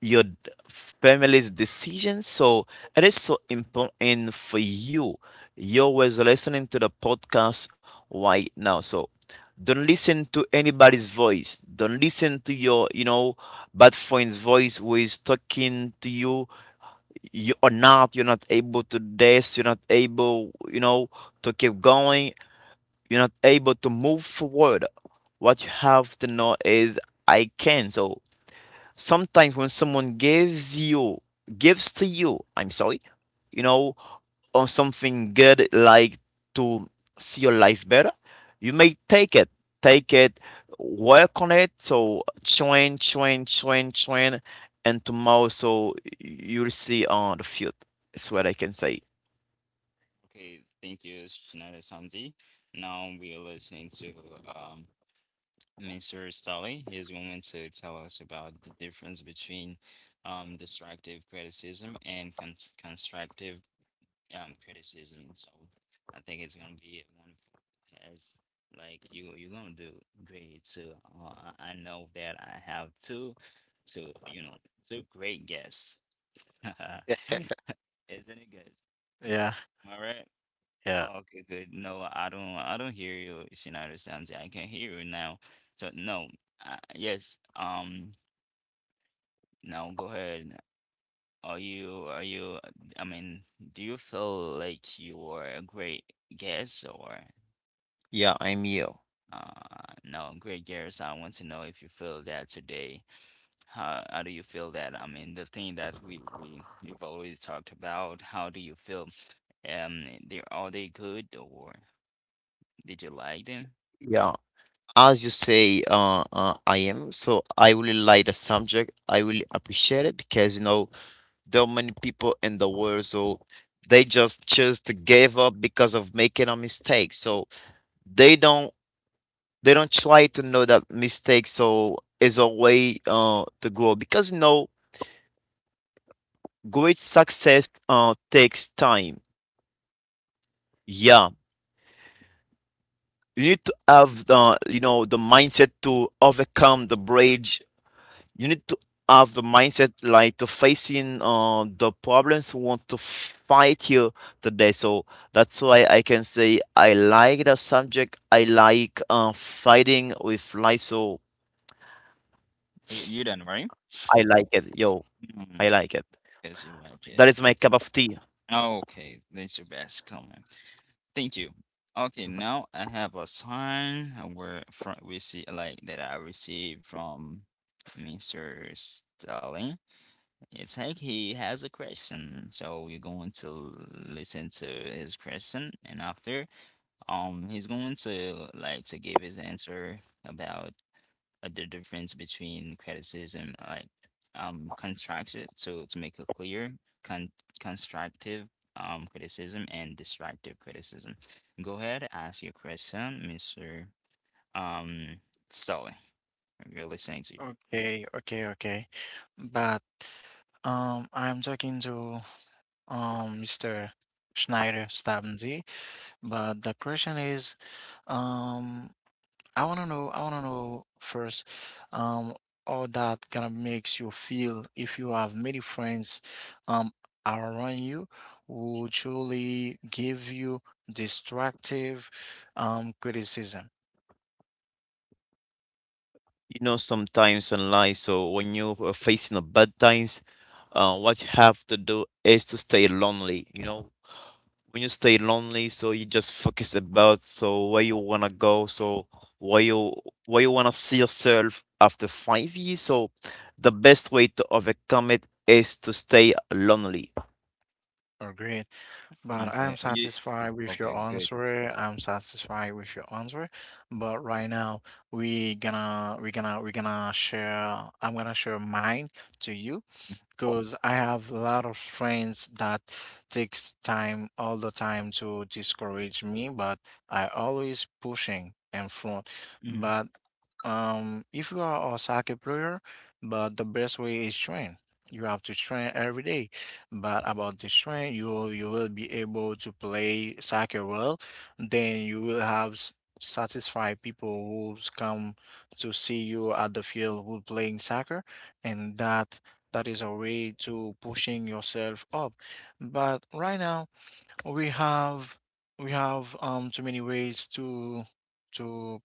Speaker 2: your family's decision. So it is so important for you. You're always listening to the podcast right now. So don't listen to anybody's voice. Don't listen to your, bad friend's voice who is talking to you. You are not, you're not able to this, you're not able, you know, to keep going. You're not able to move forward. What you have to know is I can. So sometimes when someone gives to you, I'm sorry, you know, or something good like to see your life better, you may take it, work on it. So train, and tomorrow, so you'll see on the field. That's what I can say.
Speaker 1: Okay, thank you, Shinada Samdi. Now we are listening to um Mr. Stolly. Is going to tell us about the difference between destructive criticism and constructive criticism. So I think it's gonna be wonderful as like you're gonna do great too. I know that I have two you know two great guests. [LAUGHS]
Speaker 3: [LAUGHS]
Speaker 1: Isn't it good?
Speaker 3: Yeah,
Speaker 1: All right.
Speaker 3: yeah.
Speaker 1: Okay, good. No, I don't hear you, Shinada Samji. I can hear you now. So no, yes, no, go ahead. Are you, I mean, do you feel like you are a great guest or
Speaker 2: Yeah, I'm you.
Speaker 1: no, great guest? I want to know if you feel that today. How do you feel that? I mean, the thing that we you've always talked about, how do you feel? They are they good or did you like them?
Speaker 2: Yeah. As you say, I am. So I really like the subject. I really appreciate it because, you know, there are many people in the world, so they just choose to give up because of making a mistake. So they don't they don't try to know that mistake so is a way to grow because you know great success takes time. Yeah, you need to have the, you know, the mindset to overcome the bridge. You need to have the mindset like to facing the problems who want to fight you today. So that's why I can say I like the subject. I like fighting with life. So
Speaker 1: You done, right?
Speaker 2: I like it, yo, I
Speaker 1: Mm,
Speaker 2: like it.
Speaker 1: because you like it.
Speaker 2: That is my cup of tea.
Speaker 1: Okay, that's your best comment. Thank you. Okay, now I have a sign where from we see like that I received from Mr. Stalin. It's like he has a question, so we're going to listen to his question, and after, he's going to like to give his answer about the difference between criticism, like constructed, so to make it clear, con constructive criticism and destructive criticism. Go ahead, ask your question, Mr. Um Sully. We're listening to you.
Speaker 3: Okay, okay, okay. But I'm talking to Mr. Schneider Stabensy, but the question is, um, I wanna know first, um, how that kind of makes you feel if you have many friends, um, around you who truly give you destructive, criticism.
Speaker 2: You know, sometimes in life, so when you are facing a bad times, what you have to do is to stay lonely. You know, when you stay lonely, so you just focus about so where you wanna go, so where you where you wanna see yourself after 5 years. So the best way to overcome it is to stay lonely.
Speaker 3: Or great. But
Speaker 1: Okay. are you- okay, good.
Speaker 3: I'm satisfied with your answer. But right now we gonna we gonna we gonna share I'm gonna share mine to you, because I have a lot of friends that takes time all the time to discourage me, but I always pushing in front.
Speaker 1: Mhm.
Speaker 3: But if you are a soccer player, but the best way is train. You have to train every day. But about this train, you will be able to play soccer well. Then you will have satisfied people who's come to see you at the field who playing soccer, and that is a way to pushing yourself up. But right now we have we have too many ways to to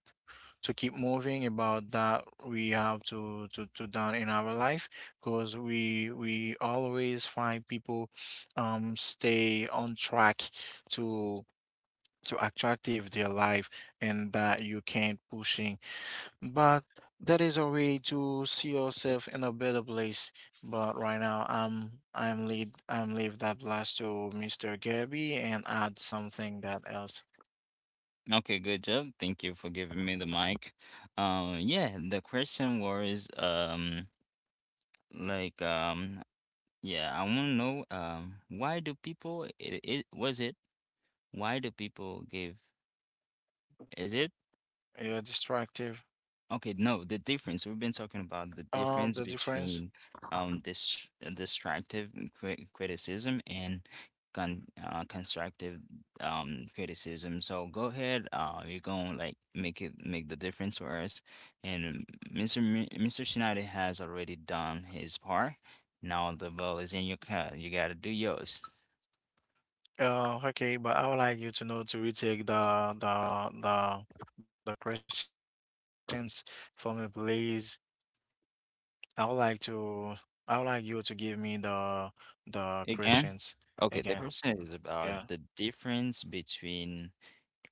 Speaker 3: keep moving about that we have to done in our life, because we always find people stay on track to attractive their life, and that you can't pushing, but that is a way to see yourself in a better place. But right now, I'm leave that blast to Mr. Gabby and add something that else.
Speaker 1: Okay, good job. Thank you for giving me the mic. Yeah, the question was like um yeah, I want to know why do people it, it was it Why do people give? Is it?
Speaker 3: Yeah, distractive.
Speaker 1: Okay, no, the difference. We've been talking about the difference
Speaker 3: The
Speaker 1: between
Speaker 3: difference.
Speaker 1: this destructive criticism and constructive criticism. So go ahead, you're gonna like make the difference for us. And Mr. Mr. Shinada has already done his part. Now the ball is in your court. You gotta do yours.
Speaker 3: Okay, but I would like you to know to retake the questions for me, please. I would like to I would like you to give me the
Speaker 1: Again?
Speaker 3: questions
Speaker 1: Okay, the
Speaker 3: again.
Speaker 1: question is about
Speaker 3: Yeah.
Speaker 1: the difference between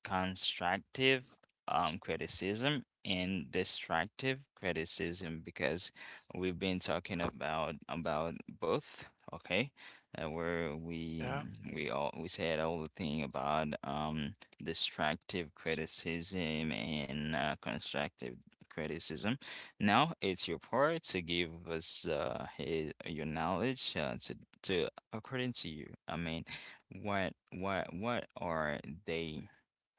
Speaker 1: constructive criticism and destructive criticism because we've been talking about both, okay? Where we
Speaker 3: Yeah.
Speaker 1: we all we said all the thing about destructive criticism and constructive criticism. Now it's your part to give us your knowledge to according to you. I mean, what are they?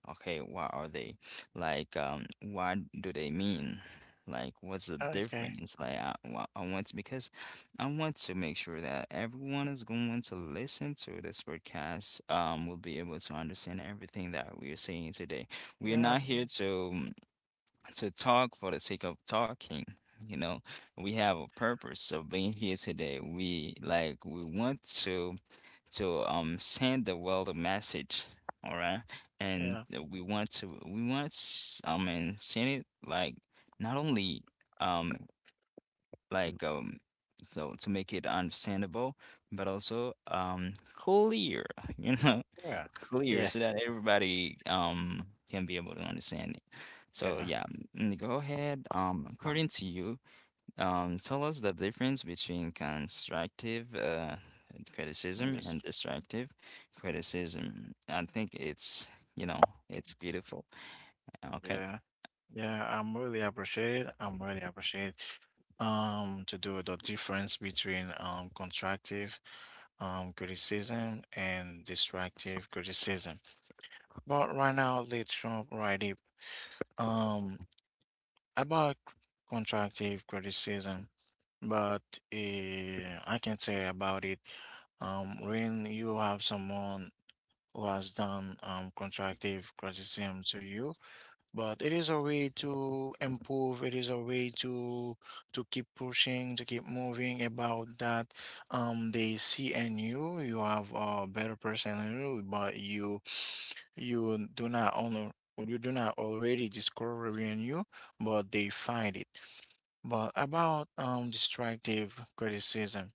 Speaker 1: Okay, what are they? Like, what do they mean? Like, what's the difference? Like,
Speaker 3: Okay.
Speaker 1: I want to, because I want to make sure that everyone is going to listen to this podcast, will be able to understand everything that we are saying today. We are not here
Speaker 3: Yeah.
Speaker 1: to talk for the sake of talking. You know, we have a purpose of being here today. We want to send the world a message, all right? And we
Speaker 3: Yeah.
Speaker 1: want to I mean send it like not only um like
Speaker 2: Mm.
Speaker 1: um so to make it understandable, but also clear, [LAUGHS] you know,
Speaker 3: Yeah,
Speaker 1: clear so that
Speaker 3: yeah,
Speaker 1: everybody can be able to understand it. So yeah,
Speaker 3: yeah.
Speaker 1: go ahead, according to you tell us the difference between constructive criticism
Speaker 3: I'm
Speaker 1: and
Speaker 3: just
Speaker 1: destructive criticism. I think it's, you know, it's beautiful. Okay.
Speaker 3: yeah, yeah. I'm really appreciate. To do the difference between constructive criticism and destructive criticism. But right now, let's jump right in. Um, about constructive criticism, but I can say about it. When you have someone who has done constructive criticism to you. But it is a way to improve. It is a way to keep pushing, to keep moving about that. They see in you, you have a better person in you, but you do not honor, you do not already discover in you, but they find it. But about destructive criticism,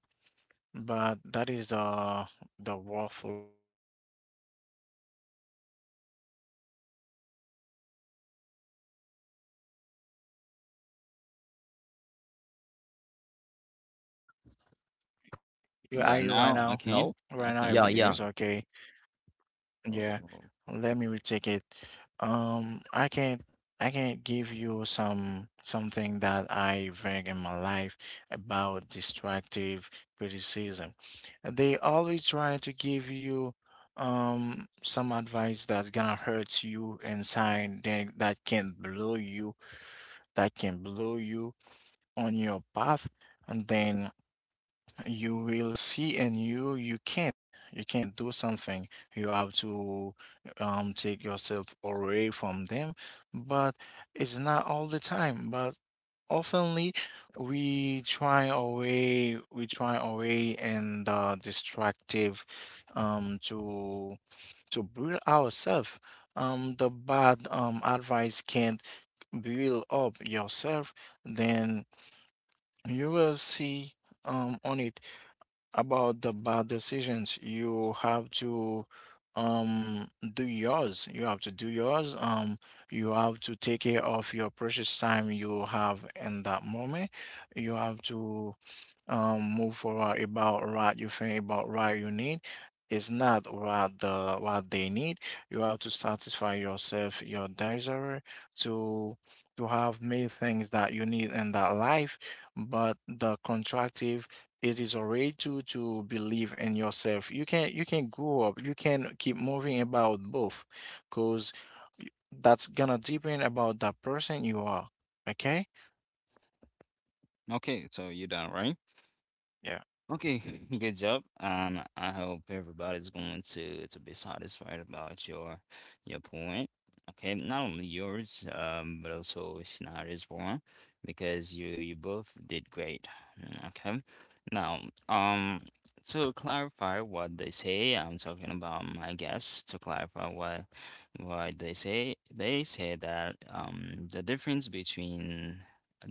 Speaker 3: but that is the rough way they try to give you bad advice. Um, Uh, you can
Speaker 1: I'm
Speaker 3: hear me?
Speaker 1: sorry too, I can't hear you.
Speaker 3: You can
Speaker 1: Can you hear
Speaker 3: hear?
Speaker 1: me?
Speaker 2: No.
Speaker 3: You
Speaker 2: Yeah,
Speaker 3: are you
Speaker 1: Yeah,
Speaker 2: yeah.
Speaker 3: right
Speaker 1: now
Speaker 3: now?
Speaker 1: I can.
Speaker 3: Right
Speaker 1: I
Speaker 3: now,
Speaker 1: can
Speaker 3: everything
Speaker 1: hear you.
Speaker 3: is okay. Yeah.
Speaker 1: Oh,
Speaker 3: Let me retake it. I can give you some something that I read in my life about destructive criticism. They always try to give you some advice that gonna hurt you inside, then that can blow you on your path, and then you will see and you you can't do something. You have to take yourself away from them. But it's not all the time, but oftenly we try away and destructive, to build ourselves. The bad advice can't build up yourself. Then you will see on it. About the bad decisions, you have to do yours you have to do yours. You have to take care of your precious time you have in that moment. You have to move forward about what you think, about what you need. It's not what the what they need. You have to satisfy yourself, your desire, to have many things that you need in that life. But the contractive, it is alright to believe in yourself. You can grow up, you can keep moving about both, because that's gonna depend about that person you are. Okay.
Speaker 1: okay, so you done, right?
Speaker 3: Yeah.
Speaker 1: Okay, [LAUGHS] good job. I hope everybody's going to be satisfied about your point. Okay, not only yours, but also Shinari's one, because you both did great. Mm, okay, now um to clarify what they say, I'm talking about my guess. To clarify what they say that the difference between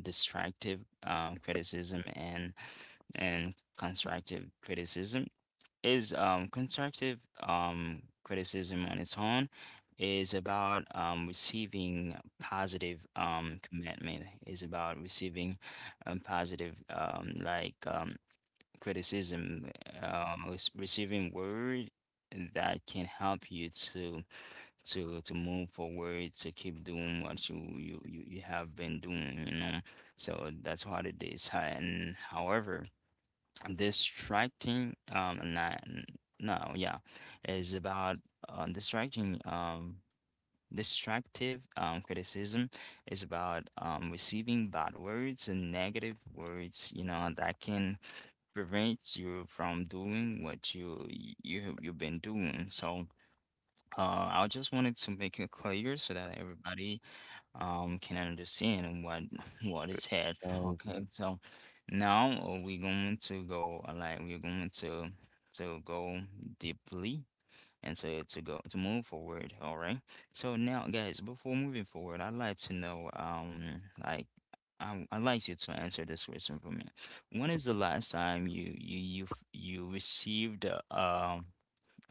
Speaker 1: destructive criticism and constructive criticism is constructive criticism on its own is about receiving positive commitment is about receiving positive criticism, receiving word that can help you to move forward to keep doing what you have been doing, you know. So that's what it is. And however distracting no yeah is about distracting distractive criticism is about receiving bad words and negative words, you know, that can prevent you from doing what you you've been doing. So I just wanted to make it clear so that everybody can understand what [LAUGHS] what is had. Okay, so now we're going to go we're going to go deeply and to go to move forward, all right? So now, guys, before moving forward, I'd like to know like I, I'd like you to answer this question for me. When is the last time you received uh, um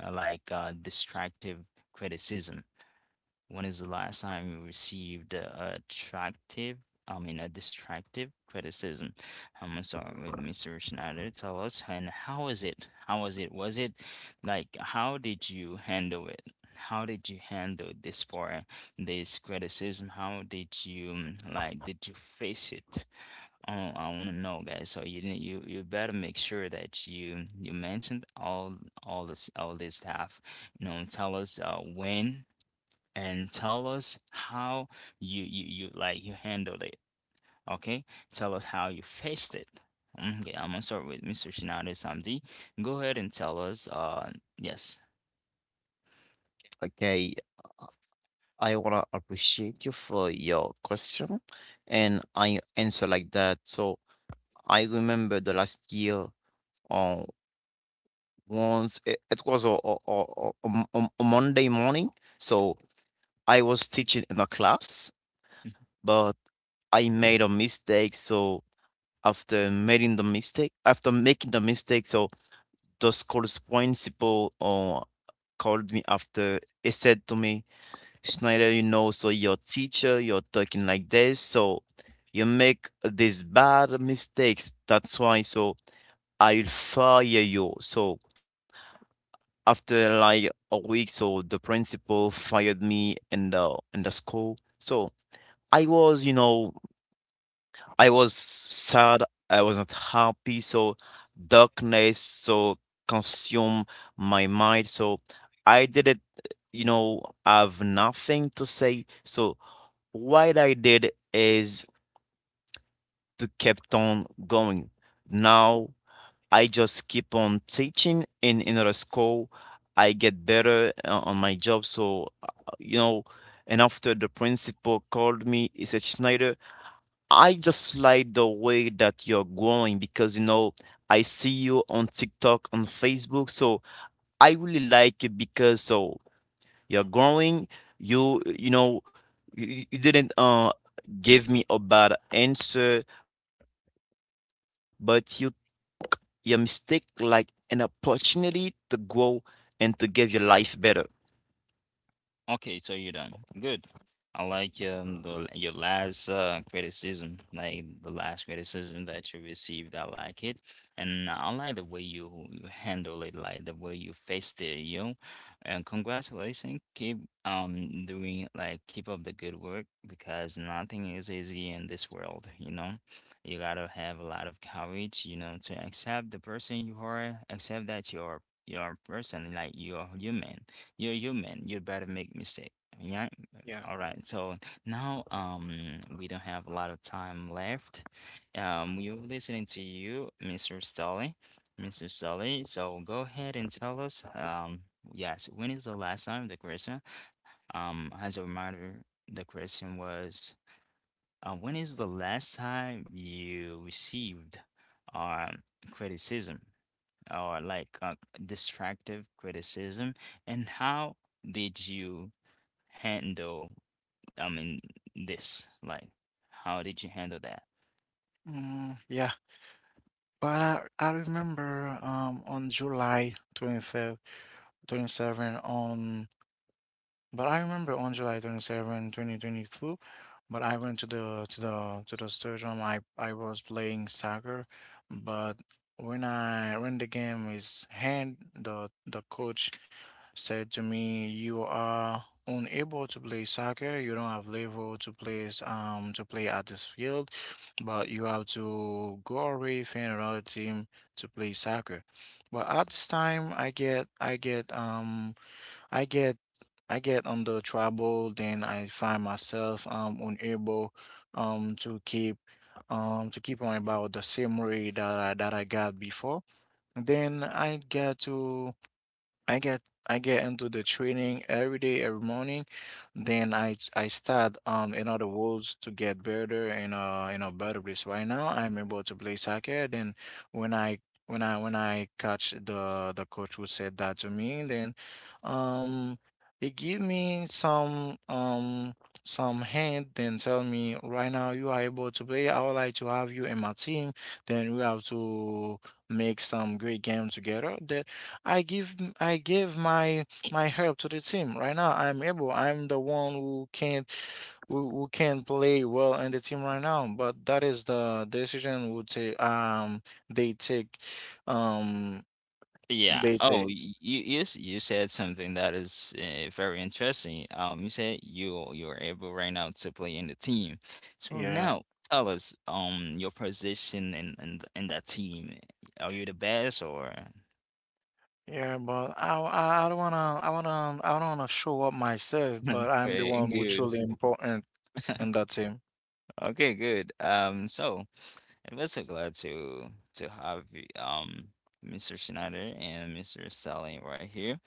Speaker 1: uh, like destructive criticism? When is the last time you received a attractive, I mean, a destructive criticism? I'm sorry, to start with Mr. Schneider. Tell us, and how was it? How was it? Was it like, how did you handle it? How did you handle this criticism? How did you like? Did you face it? Oh, I want to know, guys. So you didn't, you better make sure that you mentioned all this stuff. You know, tell us when and tell us how you handled it. Okay, tell us how you faced it. Okay, I'm gonna start with Mr. Shinade Samdi. Go ahead and tell us. Yes.
Speaker 2: Okay. I wanna appreciate you for your question and I answer like that. So I remember the last year, uh, once it was a Monday morning. So I was teaching in a class, but I made a mistake. So after making the mistake, so the school's principal called me after. He said to me, Schneider, you know, so your teacher, you're talking like this, so you make these bad mistakes. That's why, so I will fire you. So after like a week, so the principal fired me in the school. So I was, you know, I was sad. I was not happy. So darkness, so consumed my mind. So I didn't, you know, have nothing to say. So what I did is to kept on going. Now I just keep on teaching in another school. I get better on my job. So, you know, and after the principal called me, he said, Schneider, I just like the way that you're growing because, you know, I see you on TikTok, on Facebook. So I really like it because so you're growing. You know you, you didn't give me a bad answer, but you mistake like an opportunity to grow and to give your life better.
Speaker 1: Okay, so you're done. Good. I like the your last criticism, like the last criticism that you received. I like it, and I like the way you you handle it, like the way you faced it, you know. And congratulations, keep doing, like keep up the good work, because nothing is easy in this world, you know. You gotta have a lot of courage, you know, to accept the person you are, accept that you're a person, like you're human. You'd better make mistake. Yeah.
Speaker 3: Yeah.
Speaker 1: All right. So now we don't have a lot of time left. We're listening to you, Mr. Stolly. Mr. Stolly, so go ahead and tell us yes, when is the last time the question? As a reminder, the question was when is the last time you received um criticism? Or like destructive criticism, and how did you handle, I mean, this? Like, how did you handle that?
Speaker 3: Yeah, but I remember on July 23rd 27 on But I remember on July 27, 2022, but I went to the to the to the stadium. I was playing soccer, but when the game is hand, the coach said to me, "You are unable to play soccer. You don't have level to play s- to play at this field, but you have to go away find another team to play soccer." But at this time, I get I get under trouble, then I find myself unable um to keep to keep on about the same rate that I got before. Then I get into the training every day, every morning. Then I start in other words to get better in a better place. Right now I'm able to play soccer. Then when I when I catch the coach who said that to me, then um he give me some hint then tell me right now you are able to play. I would like to have you in my team. Then we have to make some great game together. That I give my help to the team. Right now, I'm able. I'm the one who can't who can't play well in the team right now. But that is the decision would take they take um
Speaker 1: Yeah.
Speaker 3: they
Speaker 1: Oh,
Speaker 3: take.
Speaker 1: you said something that is very interesting. You said you you're able right now to play in the team. So
Speaker 3: Yeah.
Speaker 1: now tell us your position in that team. Are you the best or?
Speaker 3: Yeah. But I don't wanna I don't wanna show up myself.
Speaker 1: [LAUGHS]
Speaker 3: But I'm the
Speaker 1: Okay,
Speaker 3: one who
Speaker 1: good.
Speaker 3: truly important in
Speaker 1: [LAUGHS]
Speaker 3: that team.
Speaker 1: Okay, good. So I'm also glad to have Mr. Schneider and Mr. Sally right here.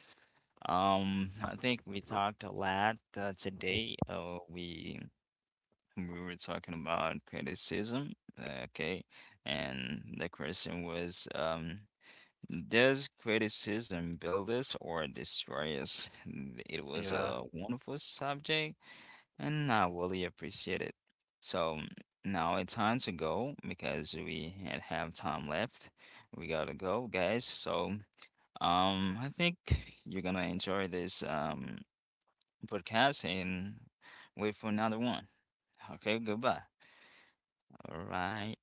Speaker 1: I think we talked a lot today. We were talking about criticism. Okay, and the question was Does criticism build us or destroy us? [LAUGHS] It was
Speaker 3: Yeah.
Speaker 1: a wonderful subject and I really appreciate it. So now it's time to go because we had have time left. We gotta go, guys. So I think you're gonna enjoy this podcast and wait for another one. Okay, goodbye. All right.